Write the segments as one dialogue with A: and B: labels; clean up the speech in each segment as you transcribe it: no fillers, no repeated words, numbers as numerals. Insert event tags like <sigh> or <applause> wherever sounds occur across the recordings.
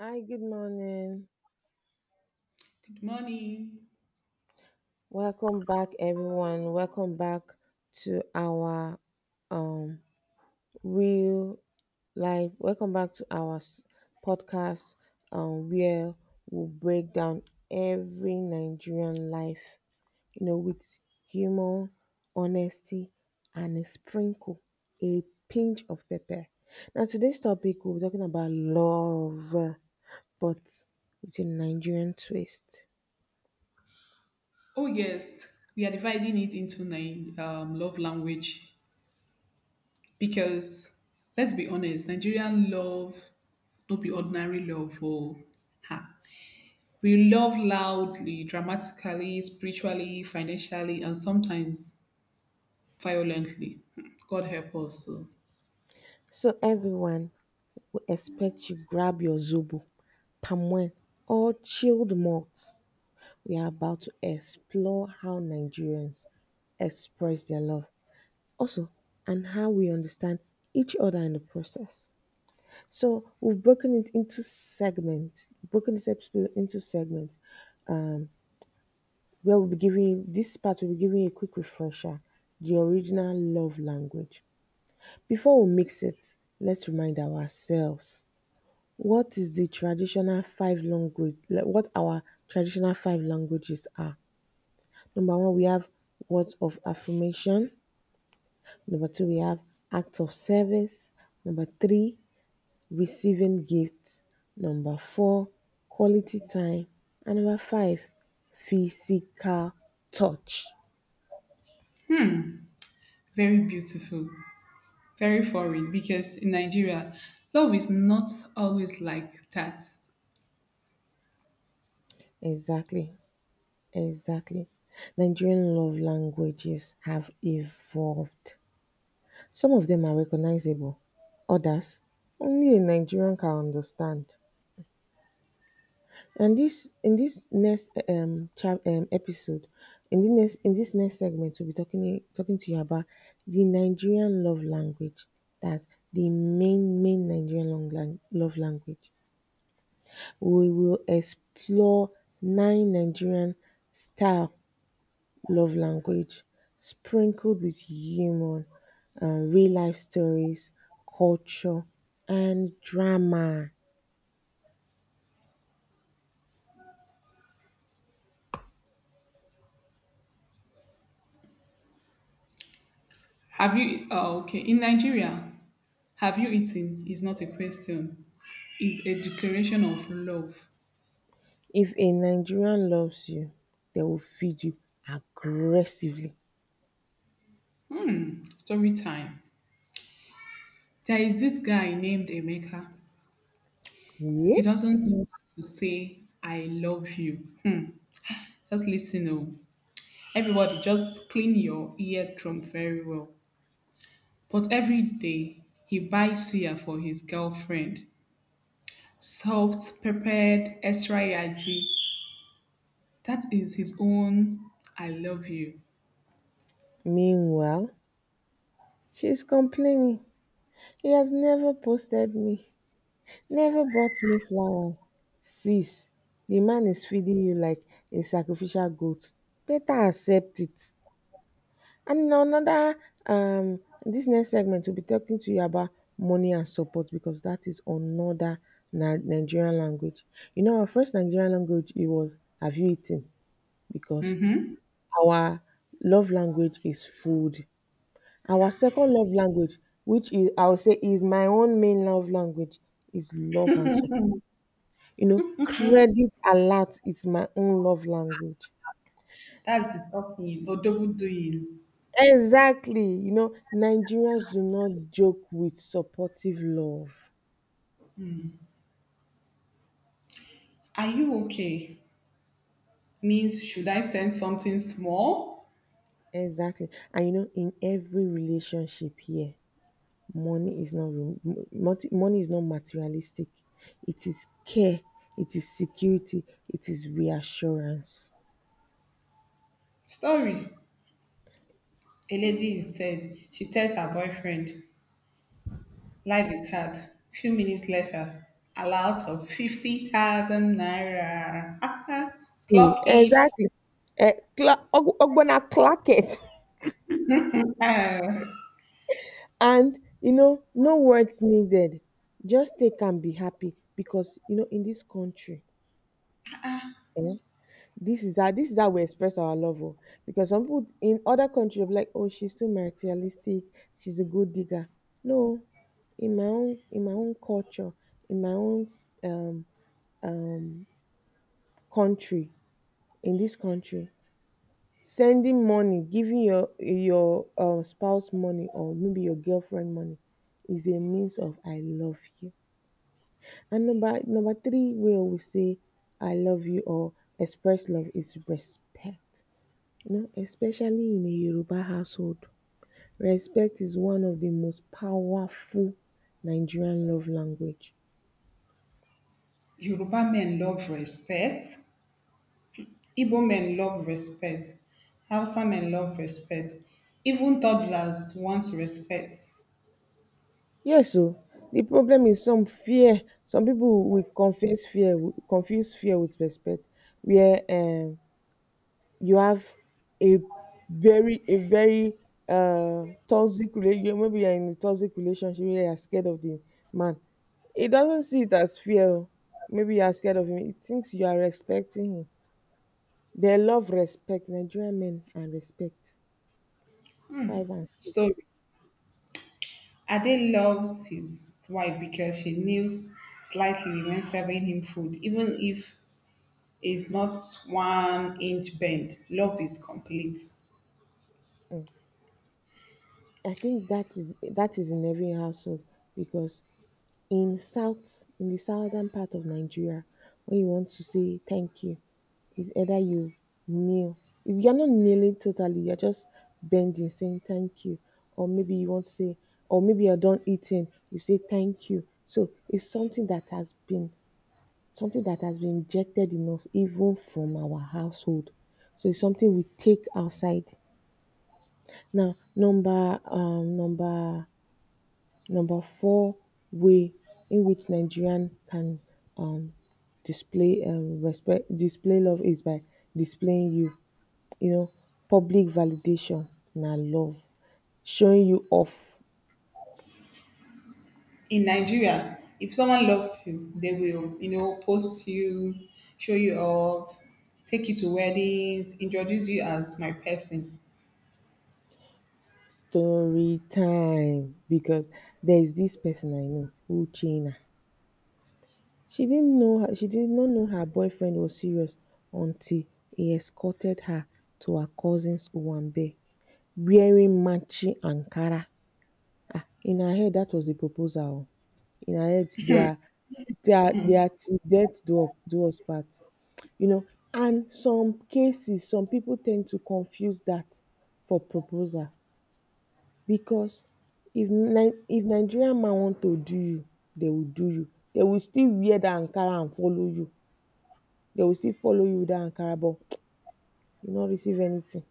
A: Hi, good morning.
B: Money.
A: Welcome back, everyone. Welcome back to our um real life. Welcome back to our podcast, where we break down every Nigerian life, you know, with humor, honesty, and a sprinkle, a pinch of pepper. Now, today's topic we'll be talking about love, but with a Nigerian twist.
B: Oh yes, we are dividing it into nine love language because let's be honest, Nigerian love no be ordinary love. Oh, ha. We love loudly, dramatically, spiritually, financially, and sometimes violently. Hmm, God help us. So
A: So, everyone, we expect you grab your zobo, palm wine or chilled malt. We are about to explore how Nigerians express their love also and how we understand each other in the process. So we've broken it into segments, broken this episode into segments, um, where we'll be giving this part will be giving a quick refresher, the original love language. Before we mix it, let's remind ourselves what is the traditional five language, like what our traditional five languages are. Number one, we have words of affirmation. Number two, we have acts of service. Number three, receiving gifts. Number four, quality time. And number five, physical touch.
B: very beautiful, very foreign because in Nigeria, love is not always like that.
A: Exactly, exactly. Nigerian love languages have evolved. Some of them are recognizable, others only a Nigerian can understand. And this in this next episode, in this next segment, we'll be talking to you about the Nigerian love language. That's the main Nigerian love language. We will explore nine Nigerian style love language, sprinkled with humor and real life stories, culture, and drama.
B: Have you? Oh, okay. In Nigeria, have you eaten? Is not a question. Is a declaration of love.
A: If a Nigerian loves you, they will feed you aggressively.
B: Hmm. Story time. There is this guy named Emeka. He
A: Yeah?
B: doesn't know how to say I love you. <laughs> Just listen, oh. Everybody, just clean your eardrum very well. But every day he buys suya for his girlfriend. Soft, peppered, extra yaji. That is his own I love you.
A: Meanwhile, she's complaining. He has never posted me, never bought me flower. Sis, the man is feeding you like a sacrificial goat. Better accept it. And in another, this next segment, we'll be talking to you about money and support because that is another Nigerian language. You know, our first Nigerian language it was "Have you eaten?" because
B: Mm-hmm.
A: our love language is food. Our second love language, which is I would say is my own main love language, is love and support. You know, credit alert is my own love language.
B: That's the talking or double doings.
A: Exactly, you know, Nigerians do not joke with supportive love.
B: Are you okay? Means should I send something small?
A: Exactly. And you know, in every relationship here, money is not money is not materialistic. It is care, it is security, it is reassurance.
B: Story. A lady is said. She tells her boyfriend, life is hard. Few minutes later, a lot of 50,000 naira. <laughs>
A: See,
B: Clock it.
A: exactly. Eh, Ogbonna clock it.
B: Ah.
A: <laughs> And you know, no words needed. Just take and be happy because you know, in this country, eh, this is how we express our love oh, because some people in other countries will be like, oh, she's so materialistic, she's a good digger. No, in my own culture, in my own um um country, in this country, sending money, giving your spouse money or maybe your girlfriend money, is a means of I love you. And number three way we say I love you or express love is respect. You know, especially in a Yoruba household, respect is one of the most powerful Nigerian love language.
B: Yoruba men love respect. Igbo men love respect. Hausa men love respect. Even toddlers want respect.
A: Yes, so the problem is some fear. Some people will confuse fear with respect, where you have a a very toxic relationship. Maybe you're in a toxic relationship where you're scared of the man. He doesn't see it as fear, oh. Maybe you are scared of him. He thinks you are respecting him. They love respect. Nigerian men and respect. Five and six.
B: Story. Ade loves his wife because she kneels slightly when serving him food, even if it's not one inch bent. Love is complete.
A: Mm. I think that is in every household because in the southern part of Nigeria, when you want to say thank you, it's either you kneel. It's- You're not kneeling totally. You're just bending, saying thank you, or maybe you want to say, or maybe you're done eating, you say thank you. So it's something that has been injected in us even from our household. So it's something we take outside. Now, number four way in which Nigerian can um display respect display love is by displaying you. You know, public validation na love. Showing you off,
B: In Nigeria, if someone loves you, they will, you know, post you, show you off, take you to weddings, introduce you as my person.
A: story time, because there is this person I know, Uchenna. She did not know her boyfriend was serious until he escorted her to her cousin's Owambe wearing matching Ankara. In her head, that was the proposal, oh. In her head, they are till death do us part. You know, and some cases, some people tend to confuse that for proposal because if Nigerian man want to do you, they will do you. They will still wear the Ankara and follow you. They will still follow you with that Ankara, but you not receive anything.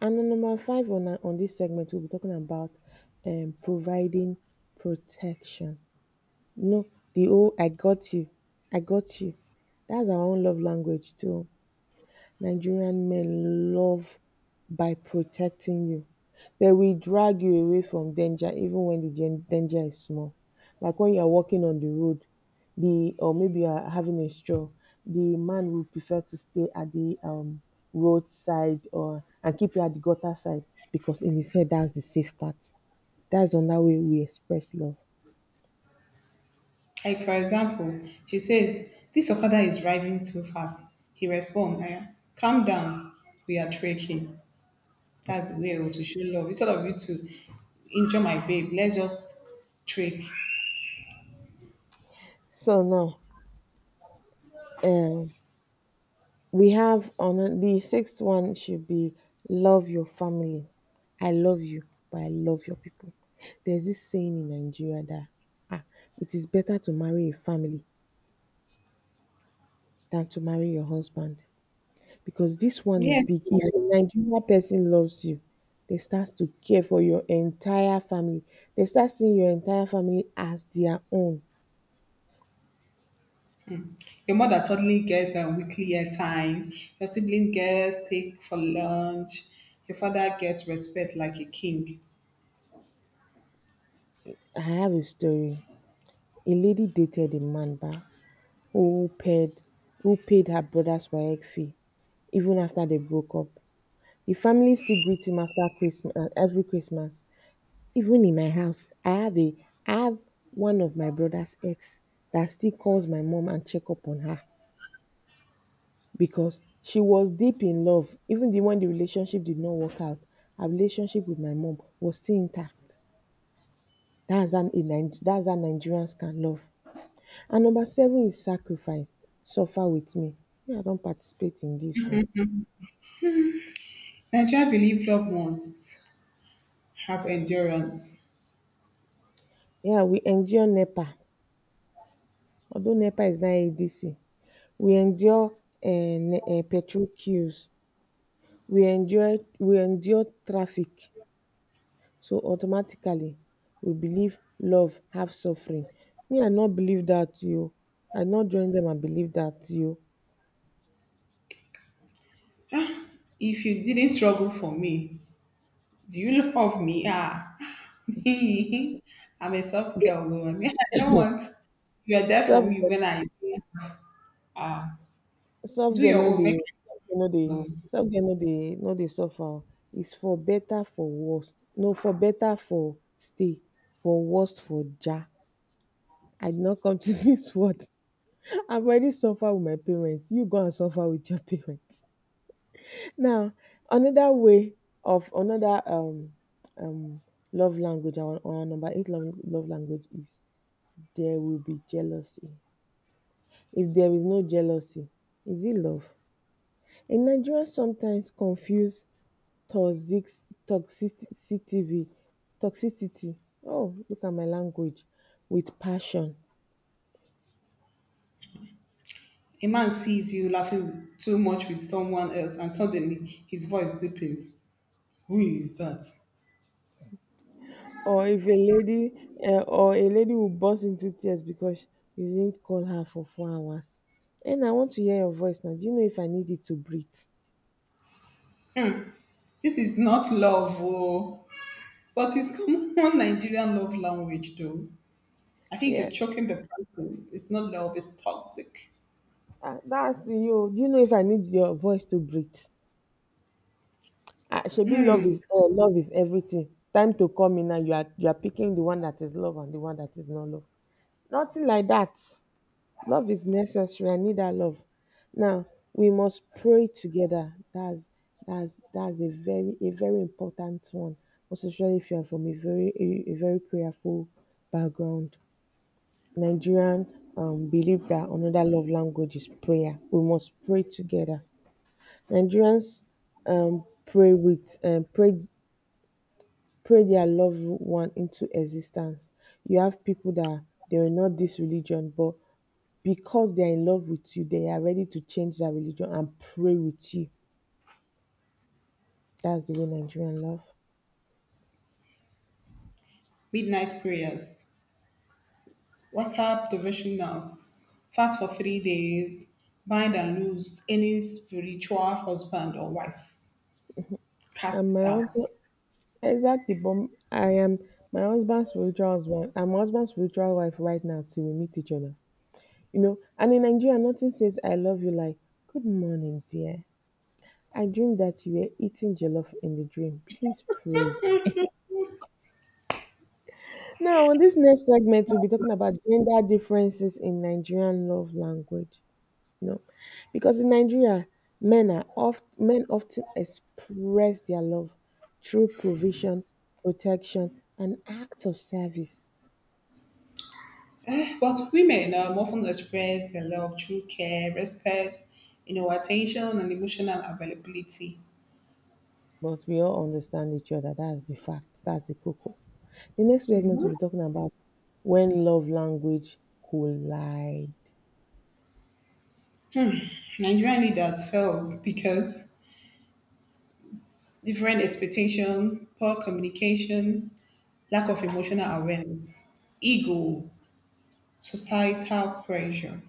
A: And on number five on this segment, we'll be talking about providing protection. You know, the oh I got you, I got you. That's our own love language too. Nigerian men love by protecting you. They will drag you away from danger even when the danger is small. Like when you're walking on the road, the or maybe you are having a stroll, the man will prefer to stay at the roadside or and keep you at the gutter side because in his head that's the safe part. That's another way we express love.
B: Like for example, she says, this Okada is driving too fast. He responds, "Eh, calm down, we are trekking. That's the way oh, to show love. Instead of you to injure my babe, let's just trick.
A: So now, um we have on the sixth one should be love your family. I love you, but I love your people. There's this saying in Nigeria that ah, it is better to marry a family than to marry your husband because this one is
B: Yes.
A: big. If
B: So
A: a Nigerian person loves you, they start to care for your entire family. They start seeing your entire family as their own.
B: your mother suddenly gets a weekly airtime. Your sibling gets take for lunch. Your father gets respect like a king.
A: I have a story. A lady dated a man, ba, who paid who paid her brother's WAEC fee even after they broke up. The family still greets him after Christmas every Christmas. Even in my house, I have one of my brother's ex that still calls my mom and check up on her because she was deep in love. Even the when the relationship did not work out, her relationship with my mom was still intact. That's how Nigerians can love. And number seven is sacrifice. Suffer with me. Me, I don't participate in this, oh.
B: Nigeria believe love must have endurance.
A: Yeah, we endure NEPA, although NEPA is now ADC. We endure um petrol queues, we endure traffic, so automatically we believe love have suffering. Me, I no believe dat oo, I no join dem and believe dat oo.
B: If you didn't struggle for me, do you <laughs> love me? Ah, <laughs> me. I'm a soft girl. Though. I mean, I don't want. You are there for
A: Soft
B: me
A: girl
B: when I
A: soft
B: do
A: girl
B: your
A: no
B: own.
A: dey
B: Make I
A: soft girl no dey
B: know.
A: Soft girl no dey suffer oo, is for better for worst, no for better for stay, for worst for ja. I did not come to <laughs> this world. I've already suffered with my parents. You go and suffer with your parents. <laughs> Now, another way of another um love language, our number eight love language is there will be jealousy. If there is no jealousy, is it love? In Nigeria, sometimes confuse toxic toxicity toxicity. Oh, look at my language with passion.
B: A man sees you laughing too much with someone else, and suddenly his voice deepens. Who is that?
A: Or if a lady will burst into tears because you didn't call her for 4 hours. And I want to hear your voice now. Do you know if I need it to breathe?
B: Hmm, this is not love, oh, but it's common <laughs> Nigerian love language, though. I think you're
A: Yeah,
B: choking the person. It's not love, it's toxic.
A: ah, that's to you. Do you know if I need your voice to breathe? Ah, shebi love is everything time to come in now. You are picking the one that is love and the one that is not love. Nothing like that. Love is necessary. I need that love. Now we must pray together. That's a very important one, most especially if you are from a very prayerful background. Nigerian believe that another love language is prayer. We must pray together. Nigerians pray with pray pray their loved one into existence. You have people that they are not this religion, but because they are in love with you, they are ready to change their religion and pray with you. That's the way Nigerian love.
B: Midnight prayers, WhatsApp devotionals, fast for 3 days, bind and lose any spiritual husband or wife, cast
A: And
B: it
A: my
B: out.
A: husband, exactly, but I am my husband's spiritual husband. I'm my husband's spiritual wife right now till we meet each other. You know, and in Nigeria, nothing says I love you like, good morning, dear. I dreamed that you were eating jollof in the dream. Please pray. Now, on this next segment, we'll be talking about gender differences in Nigerian love language. You know, because in Nigeria, men often express their love through provision, protection, and acts of service.
B: But women often express their love through care, respect, you know, attention, and emotional availability.
A: But we all understand each other. That's the fact. That's the cocoa. The next segment we'll be talking about when love language collide.
B: Nigerian leaders fail because different expectation, poor communication, lack of emotional awareness, ego, societal pressure.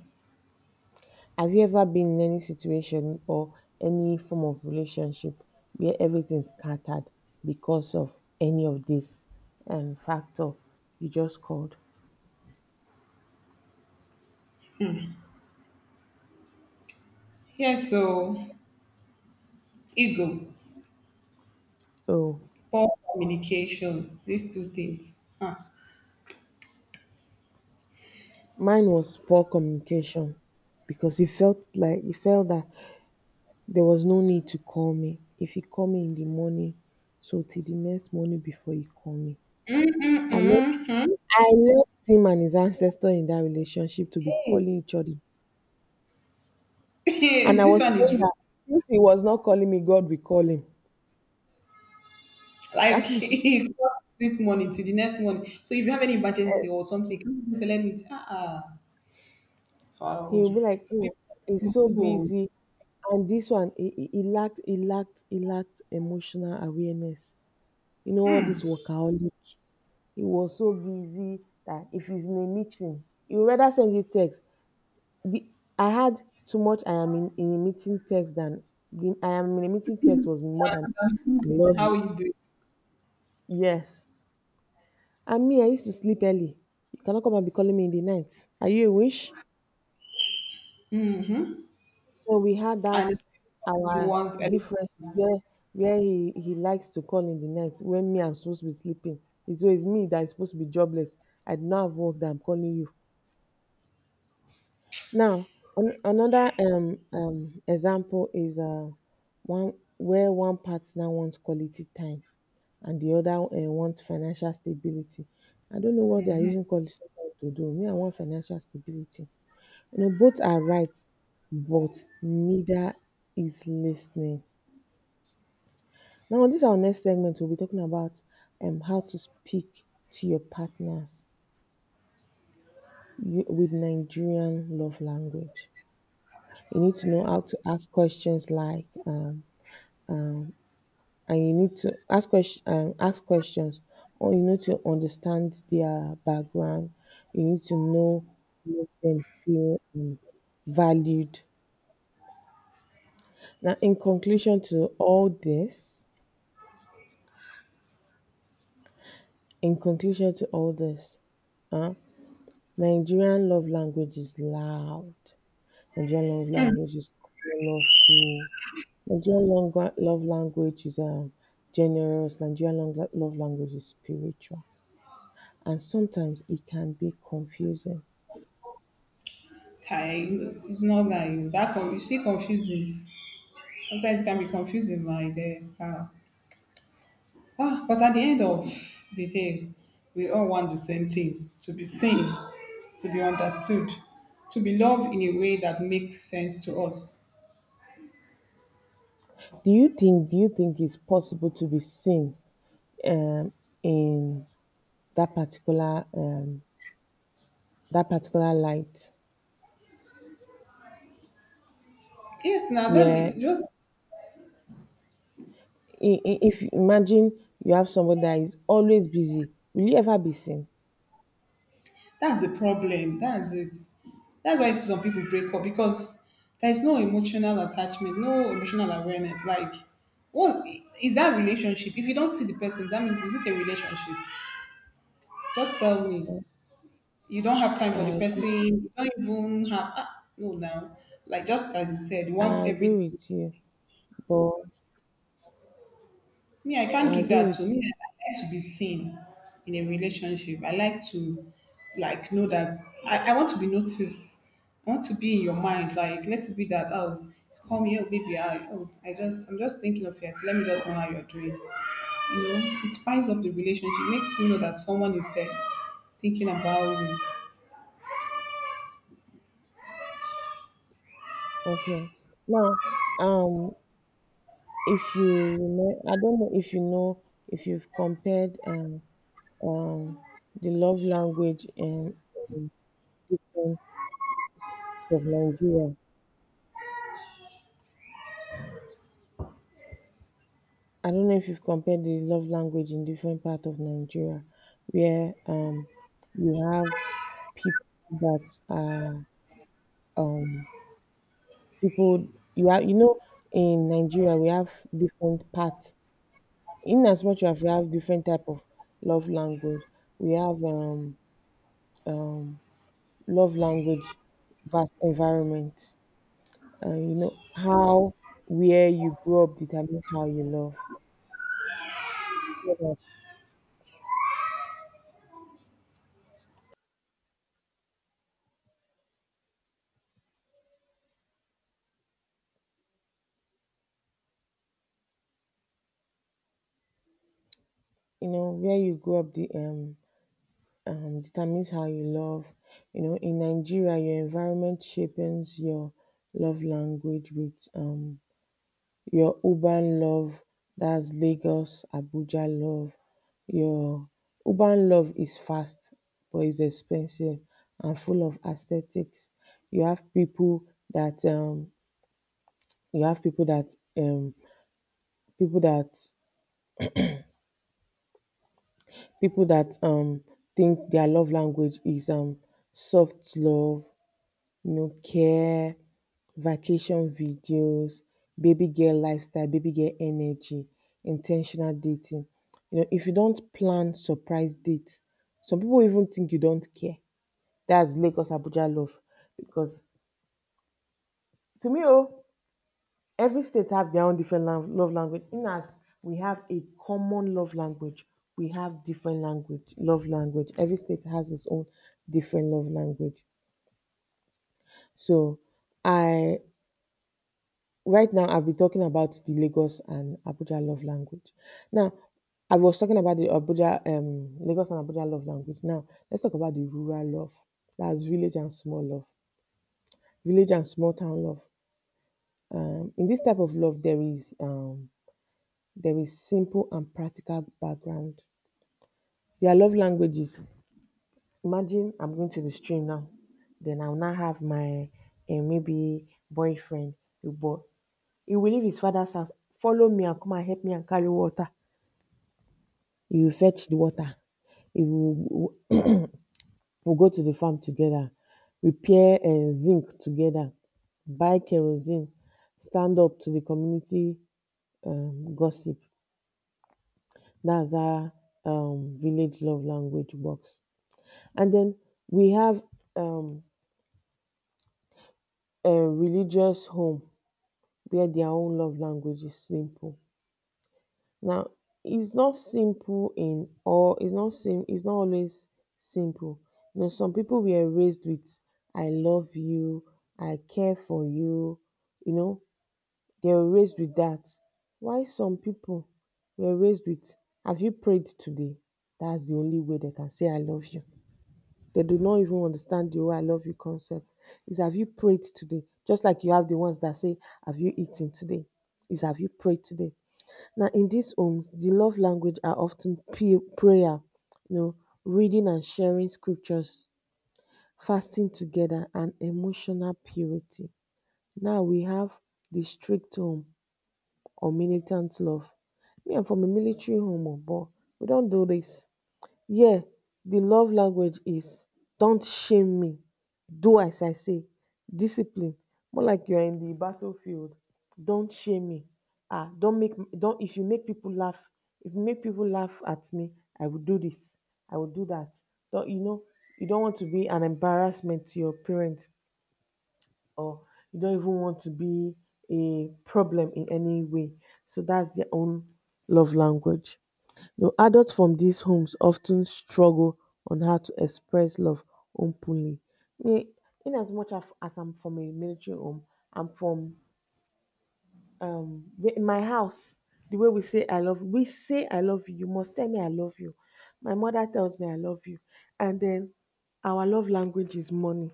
A: Have you ever been in any situation or any form of relationship where everything's scattered because of any of this factor you just called?
B: Yeah, so ego,
A: Oh,
B: poor communication, these two things. Huh.
A: mine was poor communication because he felt that there was no need to call me. If he called me in the morning, so till the next morning before he called me. I left I left him and his ancestor in that relationship to be
B: Hey,
A: calling each other.
B: <laughs>
A: And I
B: this
A: was
B: one is
A: praying
B: rude.
A: that if he was not calling me, God will call him. <laughs>
B: Like
A: That
B: <laughs>
A: is,
B: it costs this money to the next money. So if you have any emergency or something, come and say, let me. Ah, ah
A: he
B: wow.
A: will be like, oh,
B: People,
A: he's so
B: "Oh,
A: busy. And this one, he lacked emotional awareness. You know, all this workaholic, he was so busy that if he's in a meeting, he would rather send you text. The, I had too much "I am in a meeting" text than the "I am in a meeting" text was more than "I love
B: how are
A: you."
B: you doing?
A: Yes. And me, I used to sleep early. You cannot come and be calling me in the night. Are you a wish? So we had that,
B: And if
A: our
B: you want
A: differences, where he likes to call in the night when me, I'm supposed to be sleeping. It's always me that is supposed to be jobless. I do not have work that I'm calling you. Now, another example is one where one partner wants quality time and the other wants financial stability. I don't know what they are using quality time to do. Me, I want financial stability. You know, both are right, but neither is listening. Now, this our next segment. We'll be talking about how to speak to your partners with Nigerian love language. You need to know how to ask questions like, and you need to ask questions or you need to understand their background. You need to know what makes them feel valued. Now, in conclusion to all this in conclusion to all this uh, Nigerian love language is loud. Nigerian love language is colorful. Nigerian love language is generous. Nigerian love language is spiritual, and sometimes it can be confusing.
B: okay, it's not like that. Con- it's still confusing. Sometimes it can be confusing, like there. Ah, ah, but at the end of the day, we all want the same thing: to be seen, to be understood, to be loved in a way that makes sense to us.
A: Do you think it's possible to be seen um in that particular um that particular light
B: Yes, now that
A: where
B: be- just
A: if you imagine you have somebody that is always busy, will you ever be seen?
B: that's the problem. That's it. That's why some people break up because there's no emotional attachment, no emotional awareness. Like, what is that relationship? If you don't see the person, that means is it a relationship? Just tell me.
A: Yes,
B: You don't have time
A: I
B: for the
A: agree,
B: person. You don't even have ah, no now. Like just as you said, once
A: I agree
B: every
A: with you, but
B: me, I can't
A: I
B: do
A: agree
B: that
A: with
B: to me. I like to be seen in a relationship. I like to like know that I want to be noticed. I want to be in your mind. Like let it be that oh call me oh baby I oh I just I'm just thinking of you. Let me just know how you're doing. You know, it spices up the relationship, makes you know that someone is there thinking about
A: okay. Now, um, if you know, I don't know if you know if you've compared um, the love language in different of Nigeria. I don't know if you've compared the love language in different part of Nigeria, where you have people that are um, people you are you know in Nigeria we have different parts. In as much as we have different type of love language, we have um, love language vast environment. You know how where you grow up determines how you love. Yeah. You know where you grow up, the determines how you love. You know, in Nigeria your environment shapes your love language with your urban love. That's Lagos Abuja love. Your urban love is fast, but it's expensive and full of aesthetics. You have people that you have people that um people that people that um think their love language is soft love, you know, care, vacation videos, baby girl lifestyle, baby girl energy, intentional dating. You know, if you don't plan surprise dates, some people even think you don't care. That's Lagos Abuja love because to me, oh, every state have their own different love language. In as we have a common love language, we have different language love language. Every state has its own different love language. So I, right now I'll be talking about the Lagos and Abuja love language. Now, I was talking about the abuja Lagos and Abuja love language. Now let's talk about the rural love. That's village and small town love. In this type of love, There is simple and practical background. Their love languages. Imagine I'm going to the stream now, then I'll now have my maybe boyfriend, the boy. He will leave his father's house, follow me and come and help me and carry water. He will fetch the water. He will go to the farm together, repair and zinc together, buy kerosene, stand up to the community gossip. That's how village love language works. And then we have um, a religious home where their own love language is simple. Now, it's not simple in all. It's not always simple. You know, some people were raised with "I love you," "I care for you." You know, they were raised with that. Why some people were raised with "Have you prayed today?" That's the only way they can say "I love you." They do not even understand the "oh, I love you" concept. Is have you prayed today? Just like you have the ones that say, have you eaten today? Is have you prayed today? Now, in these homes, the love language are often prayer, you know, reading and sharing scriptures, fasting together, and emotional purity. Now we have the strict home or militant love. Me, I'm from a military home, oh, but we don't do this. Here di love language is: don't shame me, do as I say, discipline. More like you are in di battlefield. Don't shame me. Don't make, don't, if you make pipu laugh, if you make pipu laugh at me, I will do dis, I will do dat. You know, you don't want to be an embarrassment to your parent, or you don't even want to be a problem in any way. So that's their own love language. Now, adults from these homes often struggle on how to express love openly. Me, in as much as I'm from a military home, I'm from in my house, the way we say I love you. You must tell me I love you. My mother tells me I love you, and then our love language is money,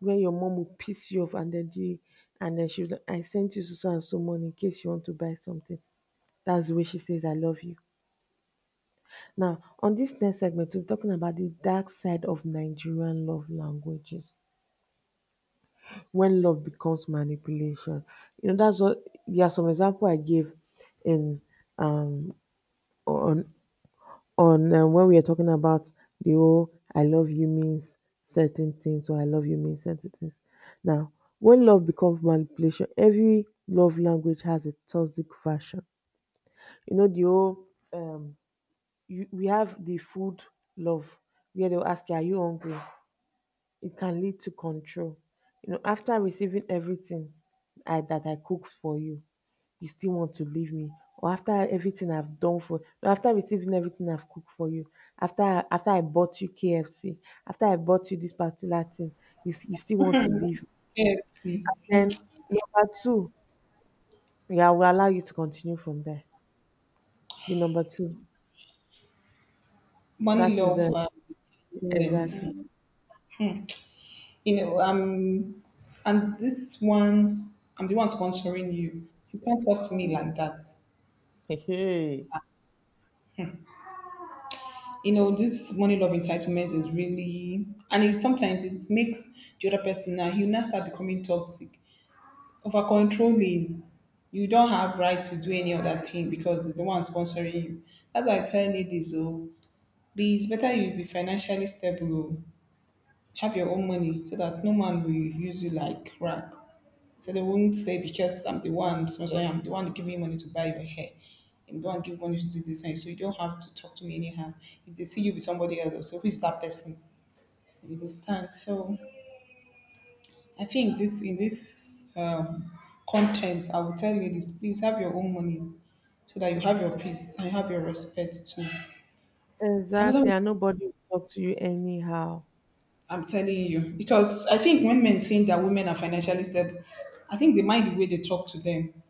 A: where your mom will piss you off and then the and then she'll I sent you so and so money in case you want to buy something. That's the way she says I love you. Now, on this next segment, we're talking about the dark side of Nigerian love languages. When love becomes manipulation. You know, that's what, yeah, some example I gave in um on on when we are talking about the whole I love you means certain things or I love you means certain things. Now, when love becomes manipulation, every love language has a toxic version. You know, the whole, we have the food love, where they'll ask you, are you hungry? It can lead to control. You know, after receiving everything that I cook for you, you still want to leave me, or after everything I've done for no, after receiving everything I've cooked for you, after I bought you KFC, after I bought you this particular thing, you you still want to leave. Me?
B: you. Yes.
A: Then number two, yeah, I will allow you to continue from there. The number two,
B: Money
A: that is
B: love moment.
A: exactly.
B: You know, I'm this one's I'm the one sponsoring you. You can't talk to me like that.
A: Hey.
B: You know, this money love entitlement is really and it sometimes it makes the other person now you now start becoming toxic. Over controlling. You don't have right to do any other thing because it's the one sponsoring you. That's why I tell ladies oh be it's better you be financially stable, oh. Have your own money so that no man will use you like rag. So they won't say because I'm the one, sponsoring, I'm the one giving you money to buy your hair. I'm the one giving money to do this. And so you don't have to talk to me anyhow. If they see you with somebody else, they'll say, who is that person? You understand? So I think this in this contents, I will tell ladies, please have your own money so that you have your peace and have your respect too. Another
A: Exactly,
B: one
A: and nobody will talk to you anyhow.
B: I'm telling you, because I think when men saying that women are financially stable, I think they mind the way they talk to them.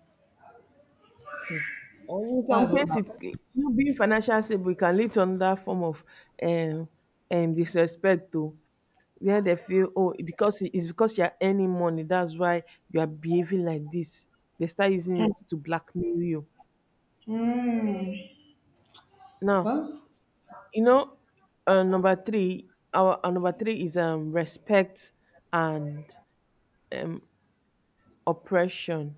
A: And in some
B: That's all. I-
A: cases, you know, being financially stable can lead to another form of um, disrespect too, where they feel, oh, because it's because you're earning money that's why you are behaving like this. They start using it to blackmail you. Now,
B: well,
A: you know, number three is respect and um oppression.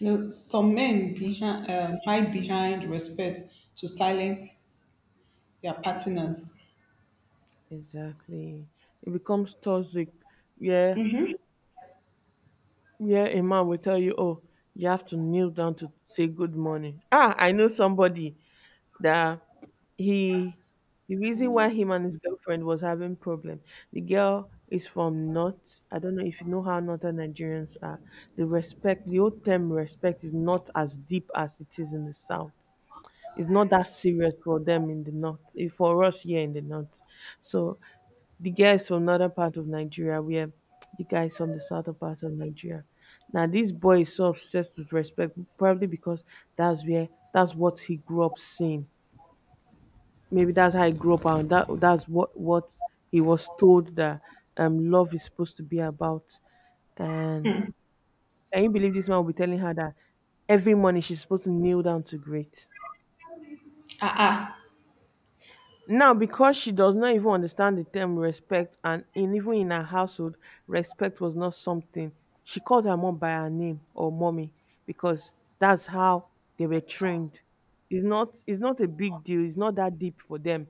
B: no, some men behind, hide behind respect to silence their partners.
A: Exactly, it becomes toxic. Yeah, yeah, a man will tell you, oh, you have to kneel down to say good morning. Ah, I know somebody that, he, the reason why him and his girlfriend was having problem, the girl is from north. I don't know if you know how northern Nigerians are. The old term respect is not as deep as it is in the south. It's not that serious for them in the north, for us here in the north. So the girl is from northern part of Nigeria where the guy is from the southern part of Nigeria. Now, this boy is so obsessed with respect probably because that's what he grew up seeing. Maybe that's how he grew up and that's what he was told that love is supposed to be about. And can you believe this man will be telling her that every morning she's supposed to kneel down to greet?
B: Ah, ah,
A: Now, because she does not even understand the term respect, and in even in her household respect was not something. She called her mom by her name or mommy because that's how they were trained. It's not a big deal, it's not that deep for them.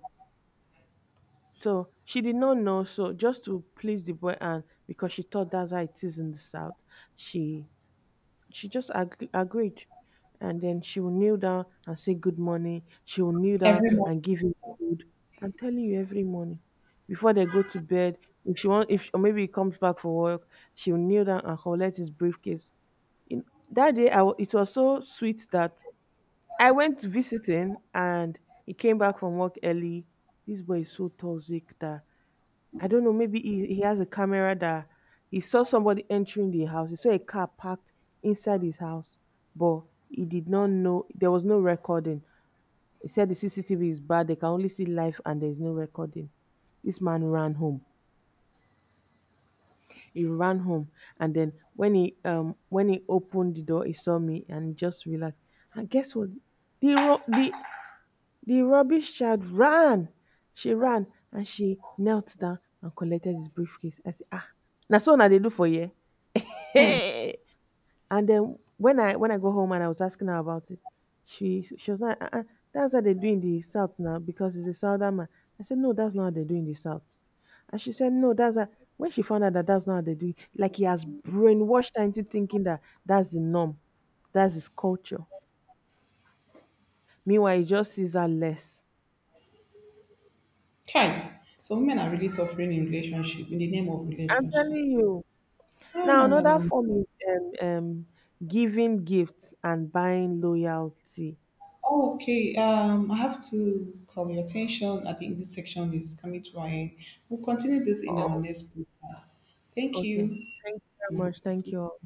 A: So she did not know. So just to please the boy, and because she thought that's how it is in the south, she she just agreed, and then she will kneel down and say good morning. She will kneel down
B: everyone.
A: and give him food. I'm telling you, every morning before they go to bed, if she want, if or maybe he comes back for work, she will kneel down and collect his briefcase. In that day, it was so sweet that I went visiting and he came back from work early. This boy is so toxic that I don't know, maybe he has a camera that he saw somebody entering the house. He saw a car parked inside his house, but he did not know there was no recording. He said the CCTV is bad, they can only see live and there's no recording. This man ran home. He ran home, and then when he opened the door, he saw me and he just relaxed. And guess what? The ro- the rubbish child ran, she ran and she knelt down and collected his briefcase. I said, ah, na so una they do for you. Hey! <laughs> And then, when I go home and I was asking her about it, she was like, uh-uh, that's how they do in the South now because it's a Southern man. I said, no, that's not how they do in the South. And she said, no, that's how. When she found out that that's not how they do it, like, he has brainwashed her into thinking that that's the norm, that's his culture. Meanwhile, he just sees her less.
B: Kai, some women are really suffering in relationship, in the name of
A: I'm
B: relationship.
A: telling you.
B: Oh,
A: Now,
B: no, no,
A: another
B: no.
A: form is um, um, giving gifts and buying loyalty.
B: Oh, okay, I have to call your attention. I think this section is coming to an end. We'll continue this in our
A: Oh,
B: next podcast. Thank
A: okay.
B: you.
A: Thank you very
B: And
A: much. Thank you all.